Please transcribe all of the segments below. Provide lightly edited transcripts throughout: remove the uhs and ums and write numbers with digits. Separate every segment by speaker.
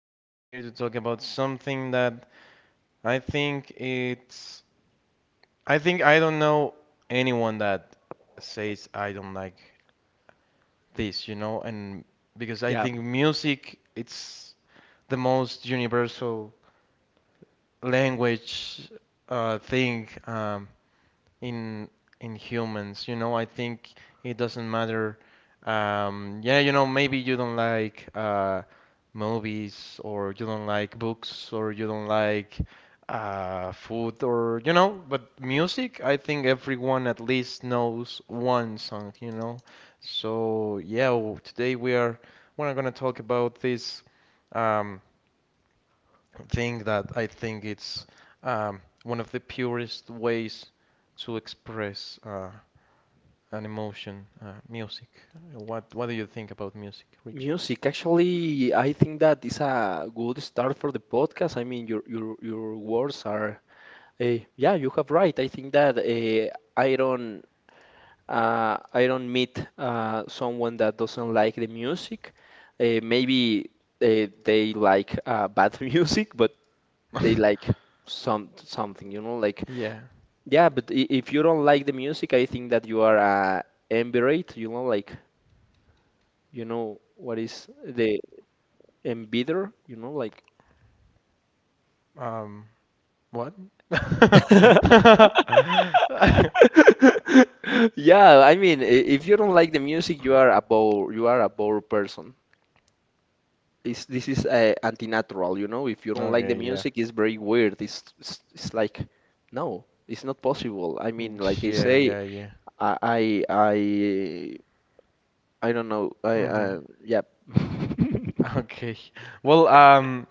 Speaker 1: we are here to talk about something that I think it's. I think I don't know anyone that says I don't like this, you know, and because I
Speaker 2: Yeah,
Speaker 1: think music it's the most universal language thing. In in humans. You know, I think it doesn't matter. Yeah, maybe you don't like movies, or you don't like books, or you don't like food, or. But music, I think everyone at least knows one song. So yeah. Today we're gonna talk about this. Um, Thing that I think it's one of the purest ways to express an emotion, music. What do you think about music, Richie?
Speaker 2: music. Actually, I think that is a good start for the podcast. I mean, your words are, yeah, you have right. I think that I don't meet someone that doesn't like the music. Maybe they like bad music, but they like something, you know, like
Speaker 1: Yeah.
Speaker 2: yeah. But if you don't like the music, I think that you are embarrassed. You know, like you know what is the and you know, like
Speaker 1: Um, what?
Speaker 2: yeah, I mean, if you don't like the music, you are a bore, you are a bore person. This is anti-natural, you know. If you don't like the
Speaker 1: Okay, yeah.
Speaker 2: music, it's very weird. It's like no, it's not possible. I mean, like I
Speaker 1: Yeah,
Speaker 2: say,
Speaker 1: yeah, yeah.
Speaker 2: I I I, I don't know. I
Speaker 1: Hmm.
Speaker 2: yeah.
Speaker 1: Okay. Well,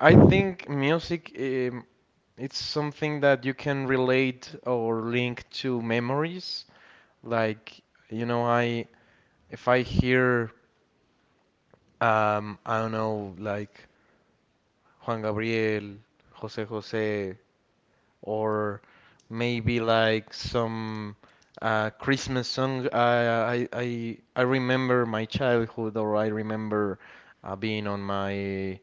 Speaker 1: I think music, it's something that you can relate or link to memories. Like, I if I hear I don't know, like Juan Gabriel, Jose Jose, or maybe like some Christmas song, I remember my childhood, or I remember being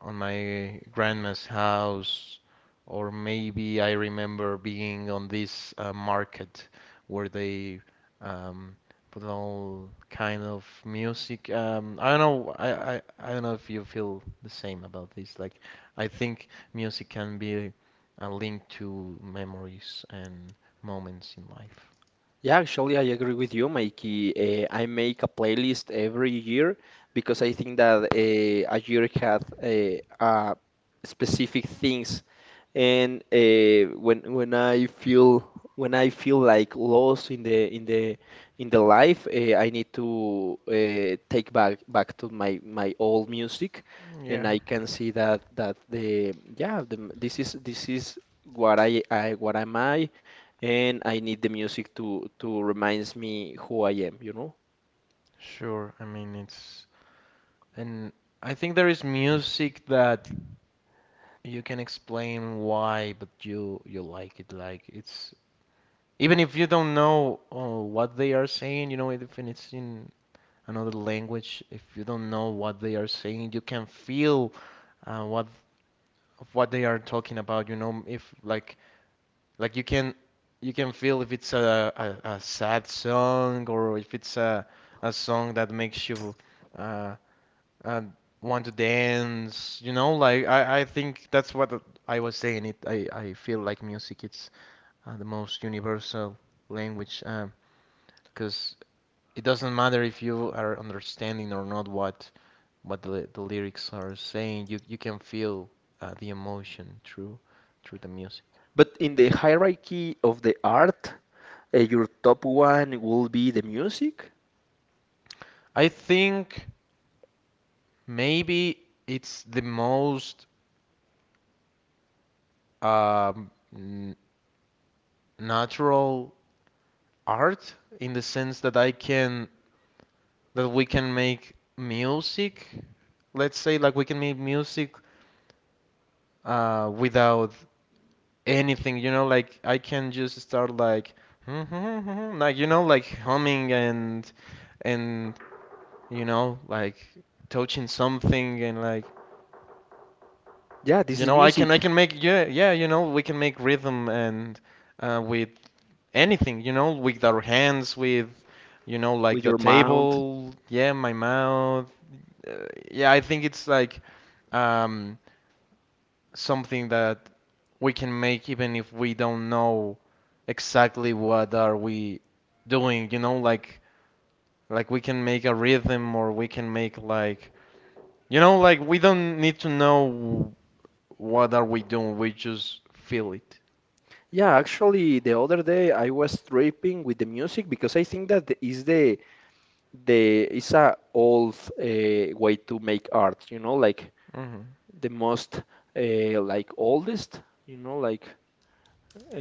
Speaker 1: on my grandma's house, or maybe I remember being on this market where they um, put all kind of music. I don't know. I don't know if you feel the same about this. Like, I think music can be a link to memories and moments in life.
Speaker 2: Yeah, actually, I agree with you, Mikey. I make a playlist every year because I think that a year had specific things and when I feel when I feel like lost in the in the life, I need to take back to my old music, and
Speaker 1: Yeah,
Speaker 2: I can see that the yeah the, this is what I what am I, and I need the music to reminds me who I am, you know.
Speaker 1: sure. I mean, it's and I think there is music that you can explain why, but you like it. Like it's, even if you don't know what they are saying, you know, if it's in another language, if you don't know what they are saying, you can feel uh, what what they are talking about. You know, if like like you can feel if it's a sad song, or if it's a song that makes you uh, and want to dance, you know, like I think that's what I was saying. I feel like music it's the most universal language, because it doesn't matter if you are understanding or not what the lyrics are saying. You can feel the emotion through the music.
Speaker 2: But in the hierarchy of the art, your top one will be the music.
Speaker 1: I think maybe it's the most um, n natural art, in the sense that we can make music. Let's say, like, we can make music without anything. You know, like I can just start like like like humming and and like touching something, and like
Speaker 2: Yeah, this is music.
Speaker 1: I can make, yeah, yeah, you know, we can make rhythm and with anything, you know, with our hands, with, like
Speaker 2: With
Speaker 1: the
Speaker 2: your mount.
Speaker 1: table, yeah, my mouth. Uh, yeah, I think it's like um, something that we can make even if we don't know exactly what are we doing, you know, like we can make a rhythm, or we can make, like, like we don't need to know what are we doing, we just feel it.
Speaker 2: Yeah, actually, the other day I was tripping with the music because I think that the is a old way to make art. You know, like
Speaker 1: Hmm.
Speaker 2: the most like oldest. You know, like uh,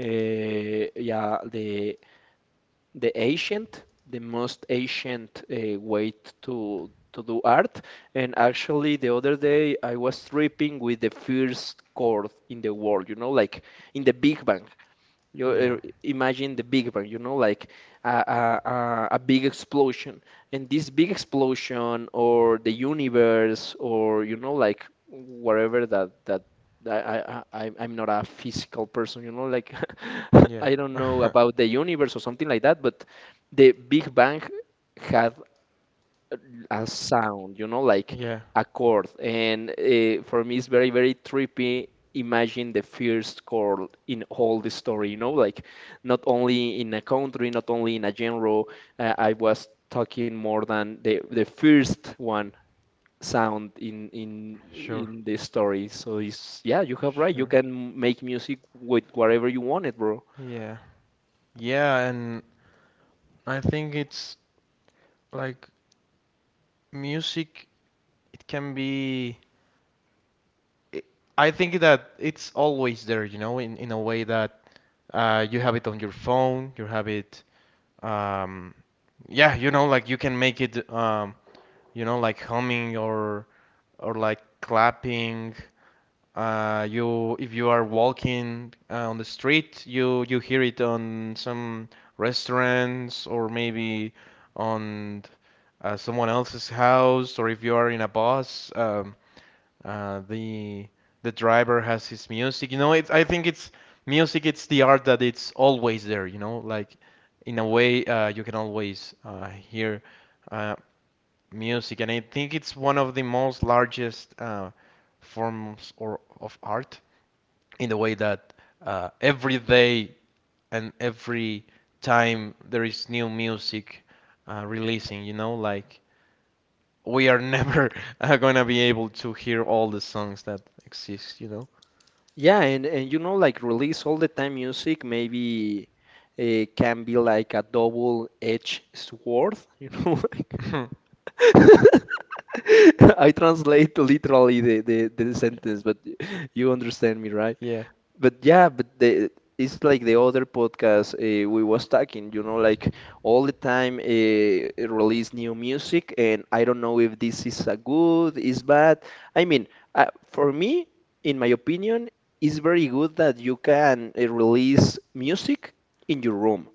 Speaker 2: yeah, the ancient, the most ancient way to do art. And actually, the other day I was tripping with the first chord in the world. You know, like in the Big Bang. You
Speaker 1: Yeah,
Speaker 2: imagine the Big Bang, you know, like a big explosion. And this big explosion, or the universe, or you know, like whatever that that, that I'm not a physical person, you know, like
Speaker 1: yeah,
Speaker 2: I don't know about the universe or something like that. But the Big Bang had a sound, you know, like
Speaker 1: yeah,
Speaker 2: a chord. And for me, it's very, very trippy. Imagine the first chord in all the story, you know, like not only in a country, not only in a genre. I was talking more than the first one sound in in
Speaker 1: sure,
Speaker 2: in the story. So it's yeah, you have right. You
Speaker 1: sure.
Speaker 2: can make music with whatever you want it, bro.
Speaker 1: Yeah. Yeah, and I think it's like music, it can be it- I think that it's always there, you know, in a way that you have it on your phone, you have it, um yeah, you know, like you can make it, like humming or like clapping. You if you are walking on the street, you hear it on some restaurants, or maybe on someone else's house, or if you are in a bus, uh, the the driver has his music. You know, it's I think it's music. It's the art that it's always there. You know, like in a way you can always hear uh, music, and I think it's one of the most largest forms or of art, in the way that every day and every time there is new music releasing. You know, like we are never gonna be able to hear all the songs that exist, you
Speaker 2: Yeah, and you know, like release all the time music maybe can be like a double-edged sword, you know.
Speaker 1: know?
Speaker 2: like- I translate literally the sentence, but you understand me, right?
Speaker 1: Yeah,
Speaker 2: But yeah, but the it's like the other podcast we was talking, you know, like all the time release new music, and I don't know if this is a good, is bad. I mean, for me, in my opinion, it's very good that you can release music in your room.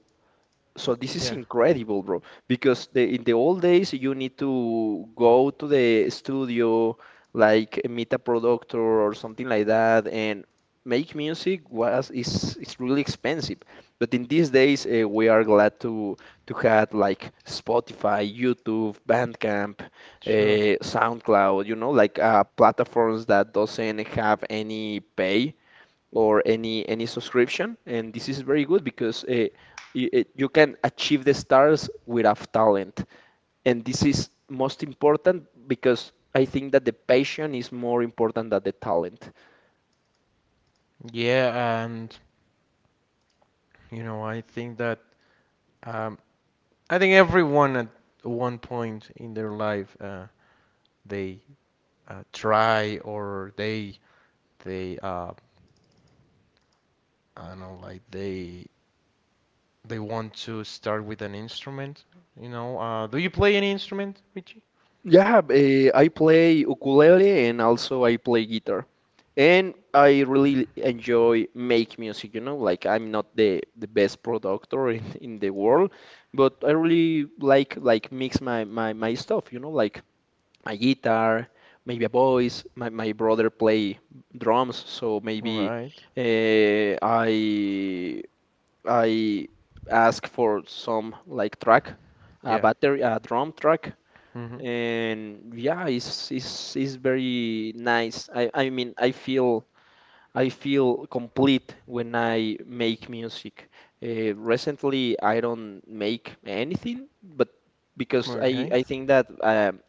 Speaker 2: So
Speaker 1: yeah,
Speaker 2: this is incredible, bro, because the, in the old days you need to go to the studio, like meet a producer or something like that, and make music was is really expensive. But in these days we are glad to have like Spotify, YouTube, Bandcamp,
Speaker 1: sure.
Speaker 2: SoundCloud, you know, like platforms that doesn't have any pay or any subscription and this is very good because you can achieve the stars without talent and this is most important because I think that the passion is more important than the talent.
Speaker 1: Yeah, and you know, I think that, um, I think everyone at one point in their life they try, or they I don't know, like they want to start with an instrument, you know? Do you play any instrument, Richie?
Speaker 2: Yeah, I play ukulele and also I play guitar. And I really enjoy make music, you know, like I'm not the best producer in the world, but I really like mix my stuff, you know, like a guitar, maybe a voice. My brother play drums, so
Speaker 1: All
Speaker 2: maybe
Speaker 1: right.
Speaker 2: uh, I I ask for some like track, a
Speaker 1: Yeah.
Speaker 2: battery, a drum track,
Speaker 1: Mm-hmm.
Speaker 2: and yeah, it's very nice. I mean, I feel complete when I make music. Recently, I don't make anything, but because
Speaker 1: Okay.
Speaker 2: I think that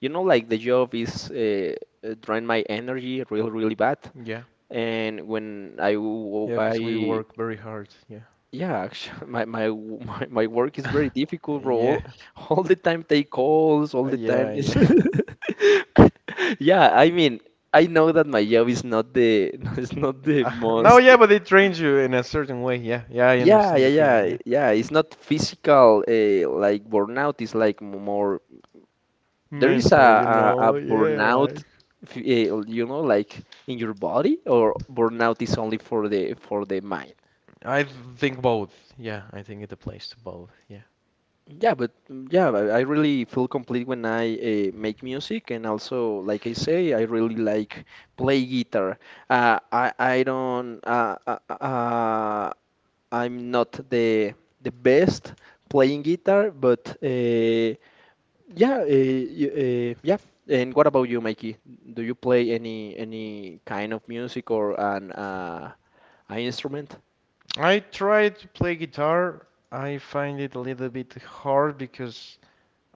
Speaker 2: you know, like the job is drain my energy really, really bad.
Speaker 1: Yeah.
Speaker 2: And when
Speaker 1: Yeah, because we
Speaker 2: I
Speaker 1: work very hard. Yeah.
Speaker 2: yeah, my w- my work is very difficult, bro.
Speaker 1: Yeah,
Speaker 2: All, all the time take calls, all the time
Speaker 1: yeah,
Speaker 2: is
Speaker 1: yeah.
Speaker 2: yeah. I mean, I know that my job is not the is not the
Speaker 1: No,
Speaker 2: most.
Speaker 1: yeah, but it trains you in a certain way. Yeah, yeah, I understand the feeling. Yeah,
Speaker 2: Yeah, It's not physical, like burnout. It's like more. There is
Speaker 1: mental, you
Speaker 2: a
Speaker 1: know. Yeah,
Speaker 2: burnout,
Speaker 1: like,
Speaker 2: you know, like in your body, or burnout is only for the mind.
Speaker 1: I think both. Yeah, I think it applies to both. Yeah,
Speaker 2: Yeah, but mm, yeah, I really feel complete when I make music, and also, like I say, I really like play guitar. I don't. I'm not the the best playing guitar, but. Yeah. And what about you, Mikey? Do you play any kind of music or an instrument?
Speaker 1: I try to play guitar. I find it a little bit hard because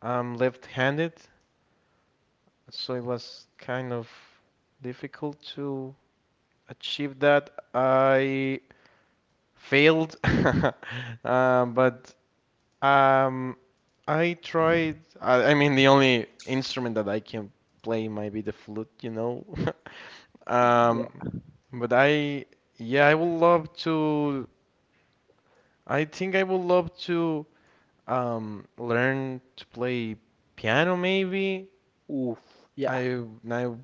Speaker 1: I'm left-handed, so it was kind of difficult to achieve that. I failed, but Um, I tried. I mean, the only instrument that I can play might be the flute, you know.
Speaker 2: Yeah.
Speaker 1: Um, but yeah, I would love to. I think I would love to learn to play piano, maybe.
Speaker 2: Oof. Yeah.
Speaker 1: I now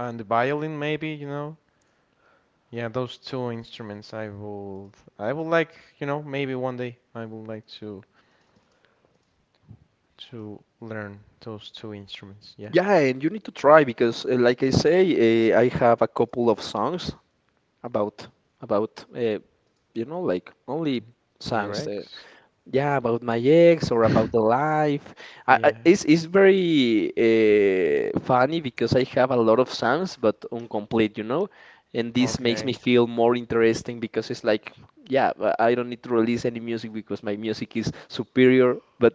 Speaker 1: And the violin, maybe, you know. Yeah, those two instruments I would like, you know, maybe one day I would like to learn those two instruments. Yeah.
Speaker 2: Yeah, and you need to try because, like I say, I have a couple of songs about about you know like only
Speaker 1: Your
Speaker 2: songs.
Speaker 1: ex?
Speaker 2: Yeah, about my ex or about the life.
Speaker 1: Yeah.
Speaker 2: It's very funny because I have a lot of songs, but incomplete, you know? And this makes me
Speaker 1: Okay.
Speaker 2: feel more interesting because it's like, yeah, I don't need to release any music because my music is superior, but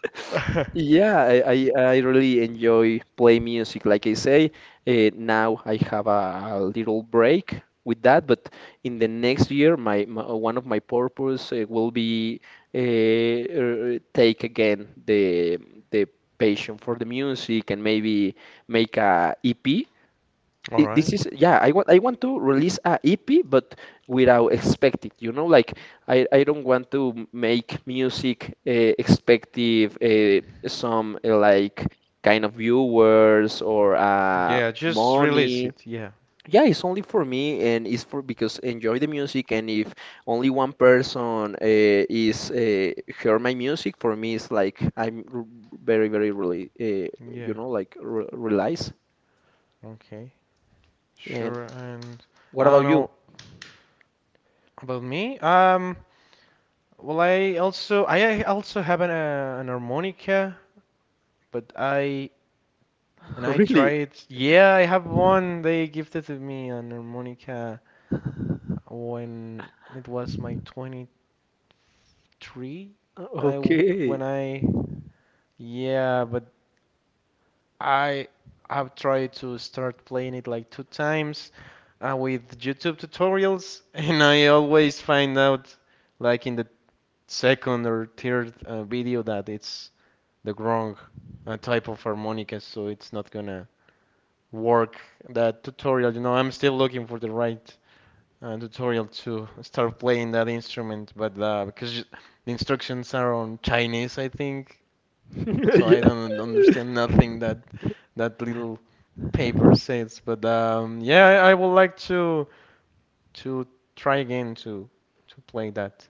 Speaker 2: Yeah, I really enjoy play music. Like I say, now I have a little break with that, but in the next year, my one of my purpose will be take again the passion for the music and maybe make a EP
Speaker 1: All
Speaker 2: it, this
Speaker 1: right.
Speaker 2: is yeah I want I want to release a EP but without expect it you know like I don't want to make music expective some like kind of viewers or
Speaker 1: Yeah, just release
Speaker 2: money
Speaker 1: it. Yeah.
Speaker 2: yeah it's only for me and it's for because enjoy the music and if only one person is hear my music for me it's like very really
Speaker 1: Yeah.
Speaker 2: you know like re realize
Speaker 1: Okay.
Speaker 2: and
Speaker 1: Sure. And
Speaker 2: what
Speaker 1: I don't
Speaker 2: about you
Speaker 1: know about me. Well, I also have an harmonica, but I
Speaker 2: really.
Speaker 1: tried. Yeah, I have one. They gifted to me an harmonica when it was my 23, when I
Speaker 2: Okay.
Speaker 1: when I yeah, but I have tried to start playing it like two times with YouTube tutorials, and I always find out, like, in the second or third video, that it's the wrong type of harmonica, so it's not gonna work that tutorial. You know, I'm still looking for the right tutorial to start playing that instrument, but because the instructions are on Chinese, I think, so I
Speaker 2: Yeah.
Speaker 1: don't understand nothing that that little Paper Saints, but yeah, I would like to to try again to play that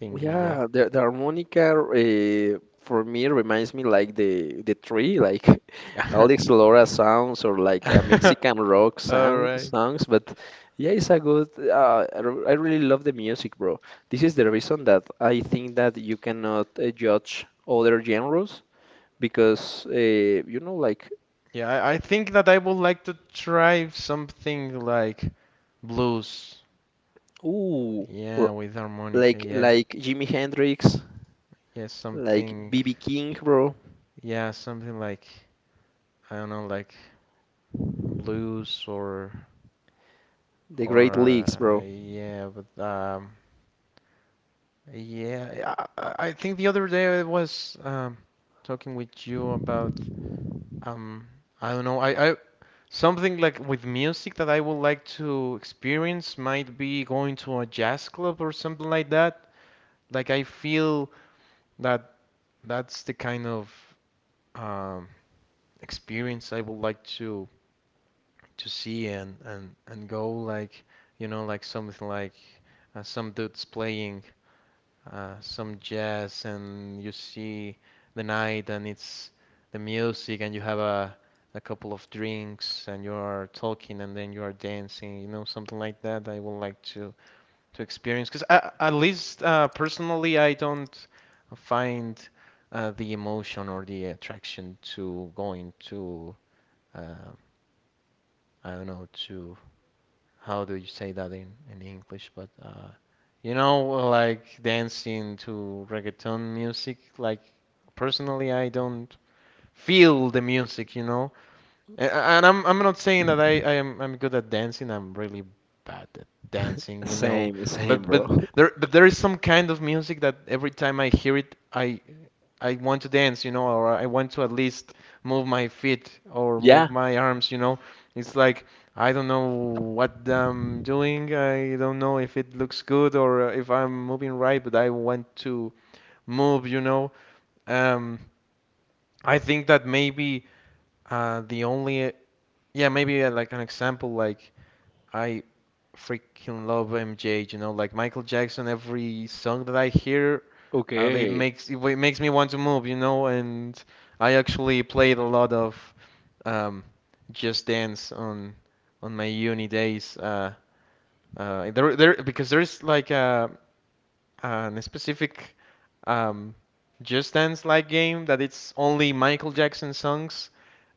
Speaker 1: thingy.
Speaker 2: Yeah, the harmonica for me reminds me like the tree, like
Speaker 1: Yeah.
Speaker 2: Alex Lora sounds or like a Mexican rock
Speaker 1: All
Speaker 2: sound
Speaker 1: right.
Speaker 2: songs. But yeah, it's a good. I really love the music, bro. This is the reason that I think that you cannot judge other genres because you know, like
Speaker 1: Yeah, I think that I would like to try something like blues.
Speaker 2: ooh,
Speaker 1: Yeah,
Speaker 2: l-
Speaker 1: with harmonica. Yeah.
Speaker 2: like Jimi Hendrix,
Speaker 1: Yeah,
Speaker 2: like
Speaker 1: something.
Speaker 2: BB King, bro,
Speaker 1: Yeah, something like, I don't know, like blues or
Speaker 2: the Great Leagues, bro.
Speaker 1: yeah, but yeah, I think the other day I was, talking with you about, um, I don't know, I something like, with music, that I would like to experience might be going to a jazz club or something like that. Like I feel that that's the kind of um, experience I would like to see and and go like, you know, like something like, some dudes playing some jazz, and you see the night, and it's the music, and you have a couple of drinks, and you are talking, and then you are dancing, you know, something like that I would like to experience. Because, at least personally, I don't find the emotion or the attraction to going to, uh, I don't know, to how do you say that in English? But you know, like dancing to reggaeton music. Like, personally, I don't feel the music. You know, and, I'm not saying that I'm good at dancing. I'm really bad at dancing, you know.
Speaker 2: Same, same,
Speaker 1: But
Speaker 2: bro.
Speaker 1: there is some kind of music that every time I hear it, I want to dance, you know, or I want to at least move my feet or
Speaker 2: Yeah,
Speaker 1: move my arms, you know. It's like I don't know what I'm doing. I don't know if it looks good or if I'm moving right, but I want to move, you know. Um, I think that maybe, the only yeah, maybe, like, an example, like, I freaking love MJ, you know, like Michael Jackson. Every song that I hear, they
Speaker 2: okay.
Speaker 1: makes it makes me want to move, you know, and I actually played a lot of, um, Just Dance on my uni days. Because there's like a specific, um, Just Dance like game that it's only Michael Jackson songs,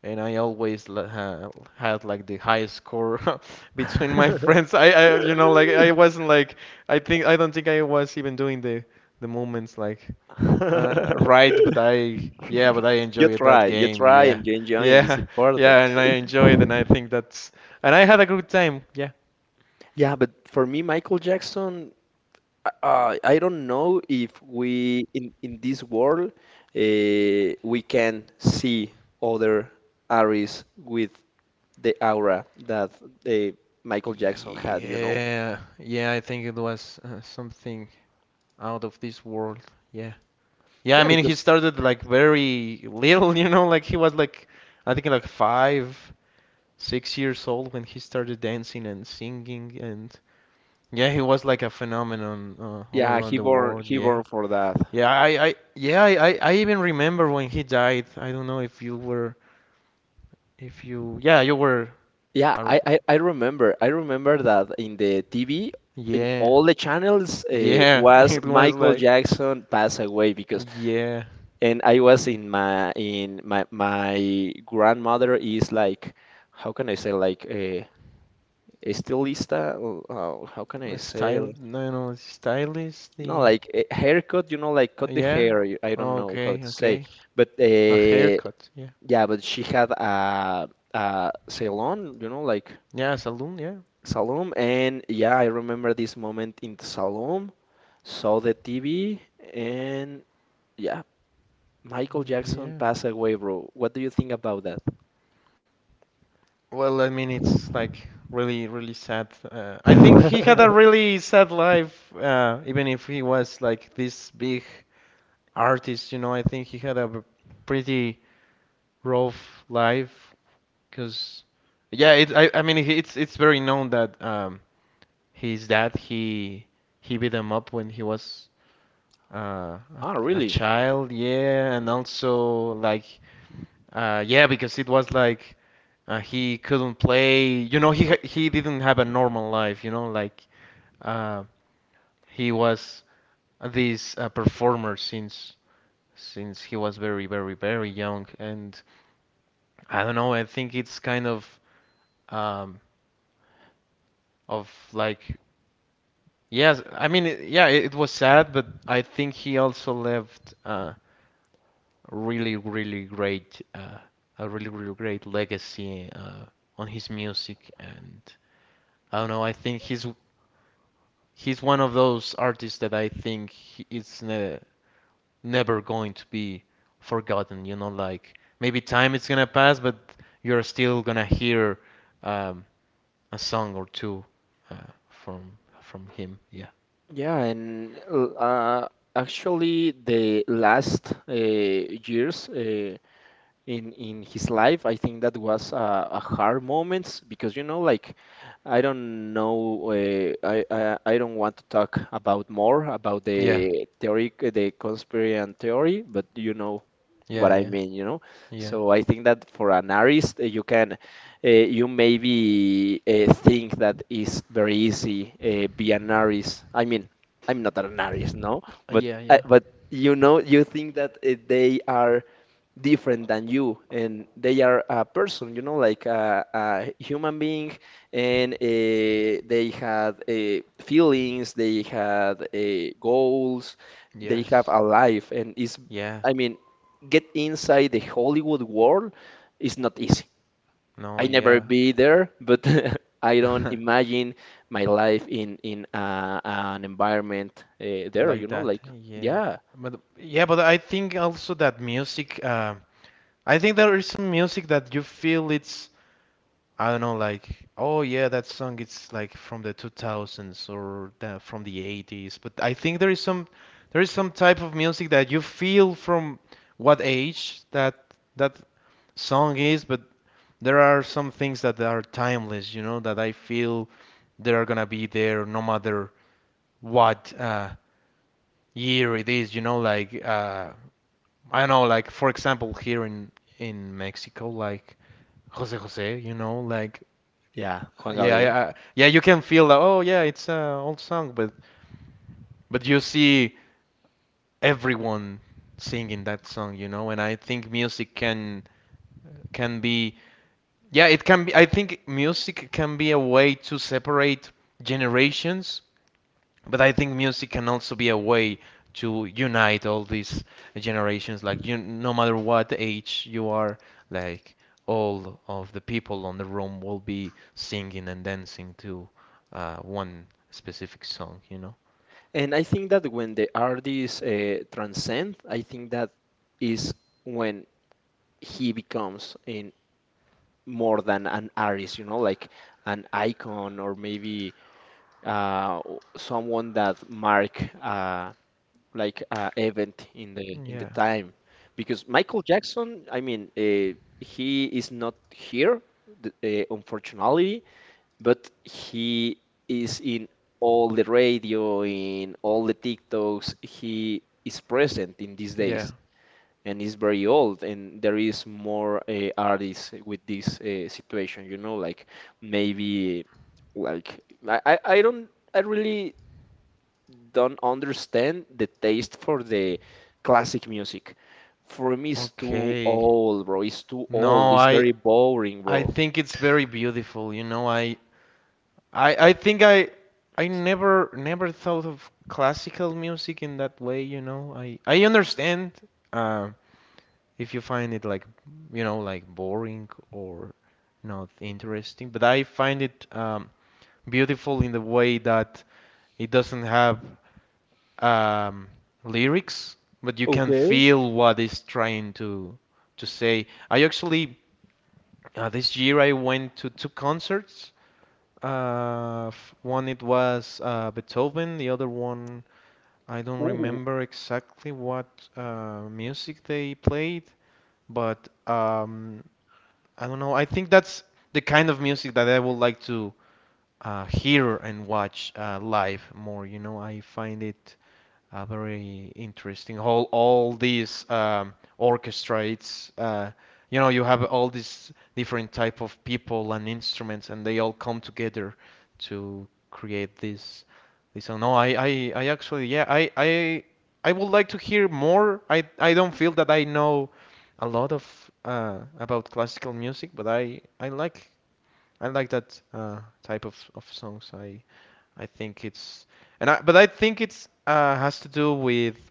Speaker 1: and I always l- ha had like the highest score between my friends. I you know like I wasn't like I think I don't think I was even doing the movements like, right, but I yeah, but I enjoyed that
Speaker 2: You
Speaker 1: game.
Speaker 2: try,
Speaker 1: Yeah,
Speaker 2: and you enjoy, and it's
Speaker 1: yeah,
Speaker 2: important.
Speaker 1: yeah, and I enjoyed, and I think that's and I had a good time. Yeah.
Speaker 2: Yeah, but for me, Michael Jackson, I don't know if we in this world uh, we can see other artists with the aura that uh, Michael Jackson had, you know?
Speaker 1: Yeah, yeah, I think it was something out of this world. Yeah. Yeah, I
Speaker 2: Yeah,
Speaker 1: mean he
Speaker 2: because
Speaker 1: started like very little, like he was like I think like five, 6 years old when he started dancing and singing and yeah, he was like a phenomenon all
Speaker 2: yeah,
Speaker 1: around the world.
Speaker 2: he
Speaker 1: Yeah.
Speaker 2: born for that.
Speaker 1: I even remember when he died. I don't know if you were if you yeah, you were
Speaker 2: Yeah,
Speaker 1: ar-
Speaker 2: I remember. I remember that in the TV, in
Speaker 1: yeah.
Speaker 2: all the channels,
Speaker 1: Yeah.
Speaker 2: was
Speaker 1: It was
Speaker 2: Michael
Speaker 1: like
Speaker 2: Jackson pass away because,
Speaker 1: yeah,
Speaker 2: and I was in my my grandmother is like, how can I say like a estilista? Or, how can I say?
Speaker 1: style
Speaker 2: Like-
Speaker 1: no, no, stylist
Speaker 2: No,
Speaker 1: the
Speaker 2: like a haircut. You know, like cut the
Speaker 1: Yeah.
Speaker 2: hair. You- I don't know how
Speaker 1: Okay,
Speaker 2: to say,
Speaker 1: okay.
Speaker 2: but
Speaker 1: A haircut. Yeah.
Speaker 2: yeah, but she had a salon. You know, like
Speaker 1: Yeah, salon, yeah.
Speaker 2: Salom, and yeah, I remember this moment in the Salom, saw the TV, and yeah, Michael Jackson
Speaker 1: Yeah.
Speaker 2: passed away, bro. What do you think about that?
Speaker 1: Well, I mean, it's like really, really sad. I think he had a really sad life, even if he was like this big artist, you know. I think he had a b- Pretty rough life, because yeah, it. I mean, it's very known that his dad he beat him up when he was a,
Speaker 2: Ah,
Speaker 1: a
Speaker 2: really?
Speaker 1: child, yeah, and also like, yeah, because it was like he couldn't play. You know, he didn't have a normal life. You know, like uh, he was this performer since he was very very very young, and I don't know. I think it's kind of um of like yes. I mean, it was sad, but I think he also left. Really, really great, a really, really great legacy on his music. And I don't know, I think he's one of those artists that I think it's ne never going to be forgotten. You know, like maybe time is gonna pass, but you're still gonna hear um, a song or two from him. Yeah,
Speaker 2: Yeah, and uh, actually, the last years, in his life. I think that was a hard moment because you know, like I don't know, I don't want to talk about more about
Speaker 1: yeah,
Speaker 2: the theory, the conspiracy theory, but you know
Speaker 1: yeah,
Speaker 2: what I
Speaker 1: yeah,
Speaker 2: mean, you know.
Speaker 1: yeah.
Speaker 2: So I think that for an artist, you can you maybe think that is very easy be an artist. I mean, I'm not an artist, no, but
Speaker 1: Yeah, yeah.
Speaker 2: you know, you think that they are different than you and they are a person, you know, like a human being. And they had feelings, they had goals, they have
Speaker 1: Yes,
Speaker 2: a life. And is,
Speaker 1: yeah,
Speaker 2: I mean, get inside the Hollywood world is not easy.
Speaker 1: no,
Speaker 2: I never
Speaker 1: yeah.
Speaker 2: be there, but I don't imagine my life in an environment there, you
Speaker 1: Like
Speaker 2: know,
Speaker 1: that.
Speaker 2: like yeah.
Speaker 1: Yeah, but I think also that music. I think there is some music that you feel it's I don't know, like oh yeah, that song it's like from the 2000s or the, from the 80s. But I think there is some type of music that you feel from what age that that song is. But there are some things that are timeless, you know, that I feel they are gonna be there no matter what year it is, you know, like I don't know, like for example, here in Mexico, like Jose Jose, you know, like
Speaker 2: Yeah, Juan Gabriel.
Speaker 1: yeah, you can feel that. Oh yeah, it's an old song, but you see everyone singing that song, you know, and I think music can be yeah, it can be. I think music can be a way to separate generations. But I think music can also be a way to unite all these generations. Like you, no matter what age you are, like all of the people on the room will be singing and dancing to one specific song, you know?
Speaker 2: And I think that when the artist transcend, I think that is when he becomes in more than an artist, you know, like an icon, or maybe uh, someone that mark like event in the
Speaker 1: Yeah,
Speaker 2: time. Because Michael Jackson, I mean, he is not here, unfortunately, but he is in all the radio, in all the TikToks. He is present in these
Speaker 1: yeah.
Speaker 2: days and is very old. And there is more artists with this situation, you know, like maybe like I don't, I really don't understand the taste for the classic music. For me, it's too
Speaker 1: Okay.
Speaker 2: old, bro. It's too old.
Speaker 1: No,
Speaker 2: It's very
Speaker 1: I
Speaker 2: boring,
Speaker 1: I
Speaker 2: bro.
Speaker 1: think it's very beautiful. You know, I think I never never thought of classical music in that way, you know. I understand uh if you find it like you know like boring or not interesting but I find it beautiful in the way that it doesn't have um, lyrics but you can
Speaker 2: Okay.
Speaker 1: feel what it's trying to say. I actually this year I went to two concerts. One it was beethoven the other one I don't
Speaker 2: Ooh.
Speaker 1: remember exactly what music they played but I don't know. I think that's the kind of music that I would like to hear and watch live more. You know, I find it very interesting. All these orchestrates, you know, you have all these different type of people and instruments, and they all come together to create this this song. No, I actually I would like to hear more. I don't feel that I know a lot of about classical music, but I like that type of songs. I think it's and I but I think it's has to do with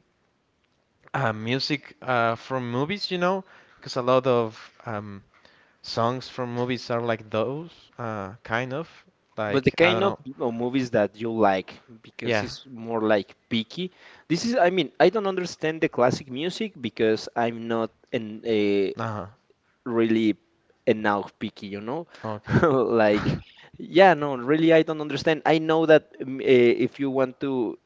Speaker 1: music from movies, you know, because a lot of songs from movies are like those kind of
Speaker 2: But the
Speaker 1: like I
Speaker 2: kind
Speaker 1: don't
Speaker 2: of
Speaker 1: know.
Speaker 2: movies that you like, because
Speaker 1: Yeah.
Speaker 2: it's more like picky. This is, I mean, I don't understand the classic music because I'm not an a
Speaker 1: Uh-huh.
Speaker 2: really enough picky, you know?
Speaker 1: Okay.
Speaker 2: Like, yeah, no, really, I don't understand. I know that if you want to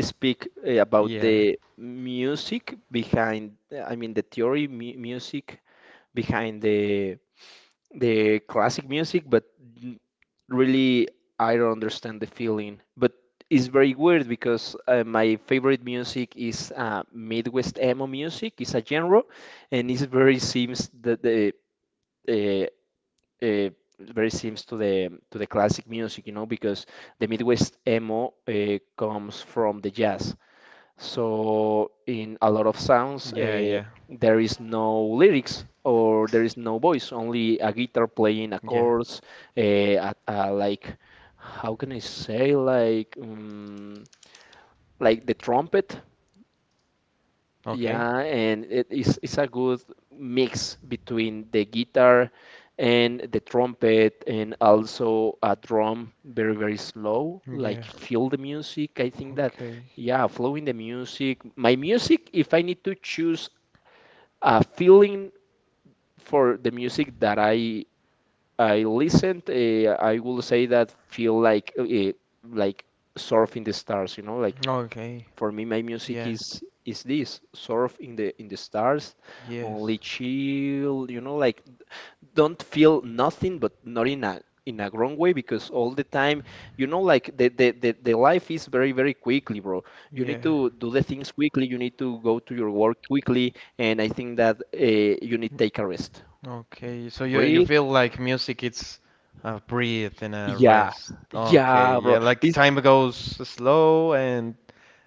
Speaker 2: speak about
Speaker 1: Yeah.
Speaker 2: the music behind, I mean, the theory mu music behind the classic music, but n- really I don't understand the feeling. But it's very weird because my favorite music is Midwest emo music. It's a genre, and it's very seems that the uh, uh, very seems to the classic music, you know, because the Midwest emo comes from the jazz. So in a lot of sounds,
Speaker 1: Yeah, yeah.
Speaker 2: there is no lyrics or there is no voice, only a guitar playing a
Speaker 1: Yeah.
Speaker 2: chords, like how can I say, like the trumpet.
Speaker 1: Okay.
Speaker 2: Yeah, and it's a good mix between the guitar and the trumpet, and also a drum very very slow, like
Speaker 1: Yeah.
Speaker 2: feel the music. I think that
Speaker 1: Okay.
Speaker 2: yeah, flowing the music. My music, if I need to choose a feeling for the music that I listened, I will say that feel like surfing the stars, you know, like
Speaker 1: Okay.
Speaker 2: for me my music
Speaker 1: Yeah.
Speaker 2: is this surf in the stars, only
Speaker 1: Yes.
Speaker 2: chill, you know, like don't feel nothing, but not in a in a wrong way, because all the time, you know, like the the life is very very quickly, bro. You need
Speaker 1: Yeah.
Speaker 2: to do the things quickly, you need to go to your work quickly, and I think that you need take a rest,
Speaker 1: Okay, so you
Speaker 2: breathe.
Speaker 1: feel like music it's a breathe and a
Speaker 2: Yeah,
Speaker 1: rest. Okay,
Speaker 2: yeah, bro,
Speaker 1: yeah, like
Speaker 2: it's,
Speaker 1: time goes slow and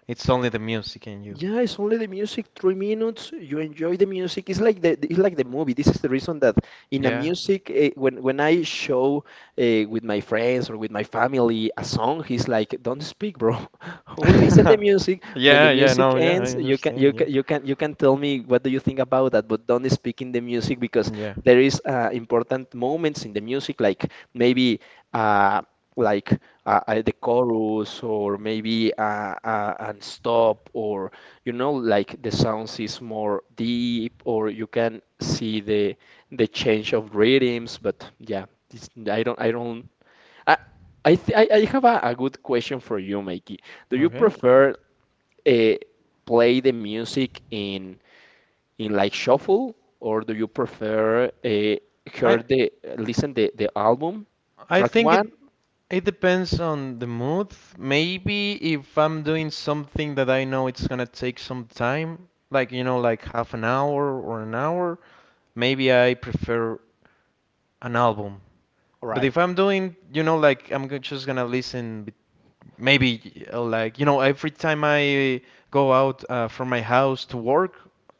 Speaker 1: it's only the music in you.
Speaker 2: yeah, it's only the music, 3 minutes. You enjoy the music. It's like the, it's like the movie. This is the reason that in a
Speaker 1: Yeah.
Speaker 2: music, when I show with my friends or with my family a song, he's like, "Don't speak, bro. Only listen the music. When the
Speaker 1: Yeah, yeah,
Speaker 2: music
Speaker 1: no, yeah,
Speaker 2: ends,
Speaker 1: I
Speaker 2: you can
Speaker 1: understand. Yeah.
Speaker 2: tell me what do you think about that, but don't speak in the music, because
Speaker 1: Yeah.
Speaker 2: there is important moments in the music, like maybe uh, like the chorus or maybe and stop or you know, like the sounds is more deep, or you can see the change of rhythms. But yeah, this, I don't, I don't, I, I, th I have a good question for you, Mikey. Do you
Speaker 1: Okay.
Speaker 2: prefer uh, play the music in like shuffle, or do you prefer
Speaker 1: I
Speaker 2: hear the listen the album
Speaker 1: I
Speaker 2: track
Speaker 1: think
Speaker 2: one?
Speaker 1: it depends on the mood. Maybe if I'm doing something that I know it's gonna take some time, like you know, like half an hour or an hour, maybe I prefer an album. But
Speaker 2: Right.
Speaker 1: if I'm doing, you know, like just gonna listen, maybe like, you know, every time I go out from my house to work,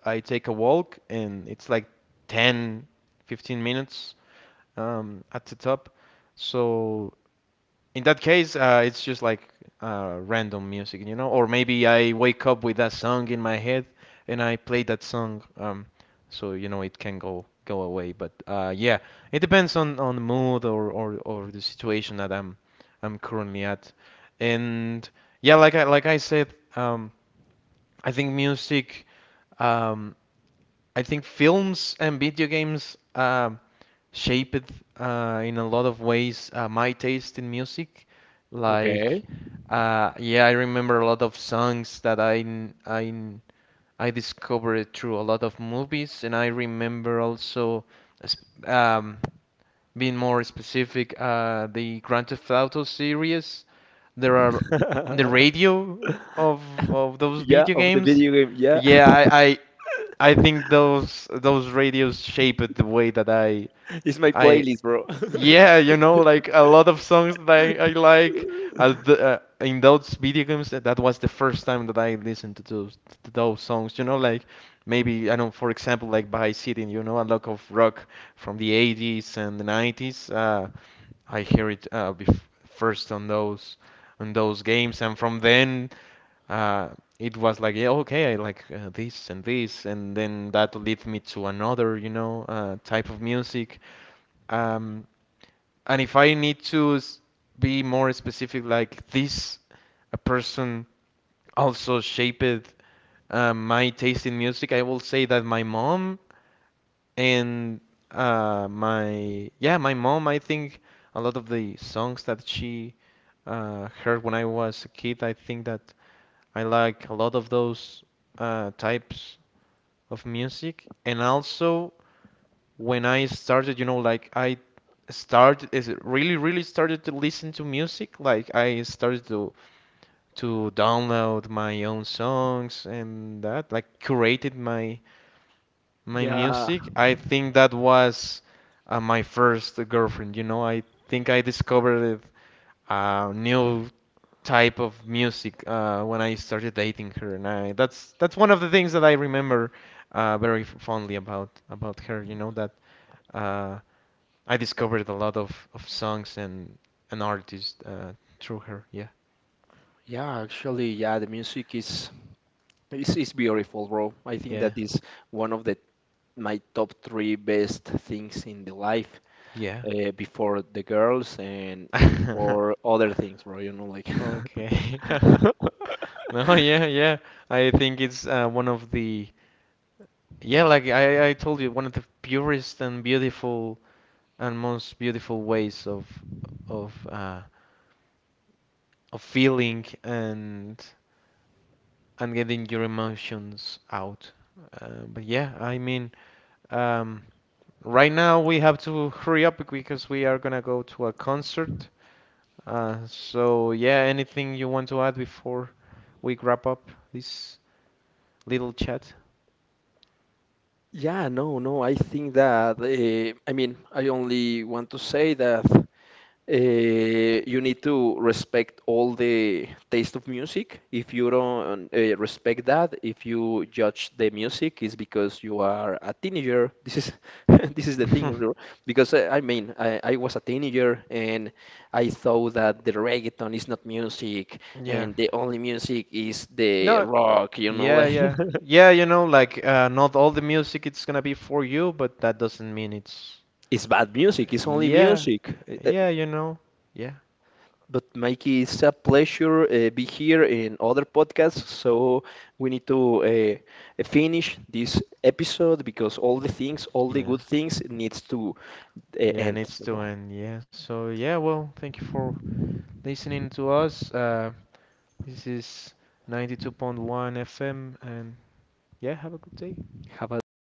Speaker 1: I take a walk and it's like 10, 15 minutes at the top. So in that case, it's just like random music, you know? Or maybe I wake up with that song in my head and I play that song, so you know it can go go away. But yeah, it depends on the mood or the situation that I'm currently at. And yeah, like I said, um, I think music um, I think films and video games shaped in a lot of ways my taste in music. Like,
Speaker 2: Okay.
Speaker 1: yeah, I remember a lot of songs that I discovered through a lot of movies, and I remember also s- um, being more specific, the Grand Theft Auto series. There are the radio of those
Speaker 2: Yeah,
Speaker 1: video
Speaker 2: of the
Speaker 1: games.
Speaker 2: video game. Yeah,
Speaker 1: Yeah, I I, I think those radios shaped the way that
Speaker 2: it's my
Speaker 1: I
Speaker 2: playlist, bro.
Speaker 1: yeah, you know, like a lot of songs that I like at the, in those video games. That, that was the first time that I listened to those songs. You know, like maybe I don't. For example, like by sitting, you know, a lot of rock from the 80s and the 90s. I hear it bef first on those games, and from then uh, it was like, yeah, okay, I like this and this, and then that leads me to another, you know, type of music. Um, and if I need to be more specific, like this, a person also shaped my taste in music, I will say that my mom and yeah, my mom, I think a lot of the songs that she heard when I was a kid, I think that I like a lot of those types of music. And also, when I started, you know, like I started is it really really started to listen to music. Like I started to download my own songs and that like curated my my
Speaker 2: Yeah.
Speaker 1: music. I think that was my first girlfriend you know. I think I discovered a new type of music when I started dating her and I that's one of the things that I remember very fondly about her you know that uh, I discovered a lot of songs and an artist through her. Yeah,
Speaker 2: Yeah, actually, yeah, the music is is beautiful, bro. I think
Speaker 1: yeah,
Speaker 2: that is one of the my top 3 best things in the life,
Speaker 1: yeah.
Speaker 2: before the girls and before other things, bro. You know, like
Speaker 1: Okay. No, yeah, yeah. I think it's one of the yeah, like I told you, one of the purest and beautiful and most beautiful ways of uh, of feeling and getting your emotions out. But yeah, I mean, um, right now we have to hurry up because we are gonna go to a concert. So yeah, anything you want to add before we wrap up this little chat?
Speaker 2: yeah, no, no. I think that I mean, I only want to say that. Uh, you need to respect all the taste of music. If you don't respect that, if you judge the music, it's because you are a teenager. This is this is the thing, because I mean, I was a teenager and I thought that the reggaeton is not music,
Speaker 1: Yeah.
Speaker 2: and the only music is the
Speaker 1: No,
Speaker 2: rock. You know,
Speaker 1: yeah,
Speaker 2: like
Speaker 1: yeah. Yeah, you know, like not all the music it's gonna be for you, but that doesn't mean it's
Speaker 2: it's bad music. It's only
Speaker 1: yeah.
Speaker 2: music. Eh, eh,
Speaker 1: Yeah, you know. Yeah.
Speaker 2: But Mikey, it's a pleasure be here in other podcasts. So we need to finish this episode because all the things, all the
Speaker 1: Yeah.
Speaker 2: good things, needs to
Speaker 1: Yeah,
Speaker 2: end.
Speaker 1: needs
Speaker 2: You
Speaker 1: to
Speaker 2: know,
Speaker 1: end. Yeah. So yeah, well, thank you for listening to us. This is 92.1 FM and yeah, have a good day.
Speaker 2: have a good day.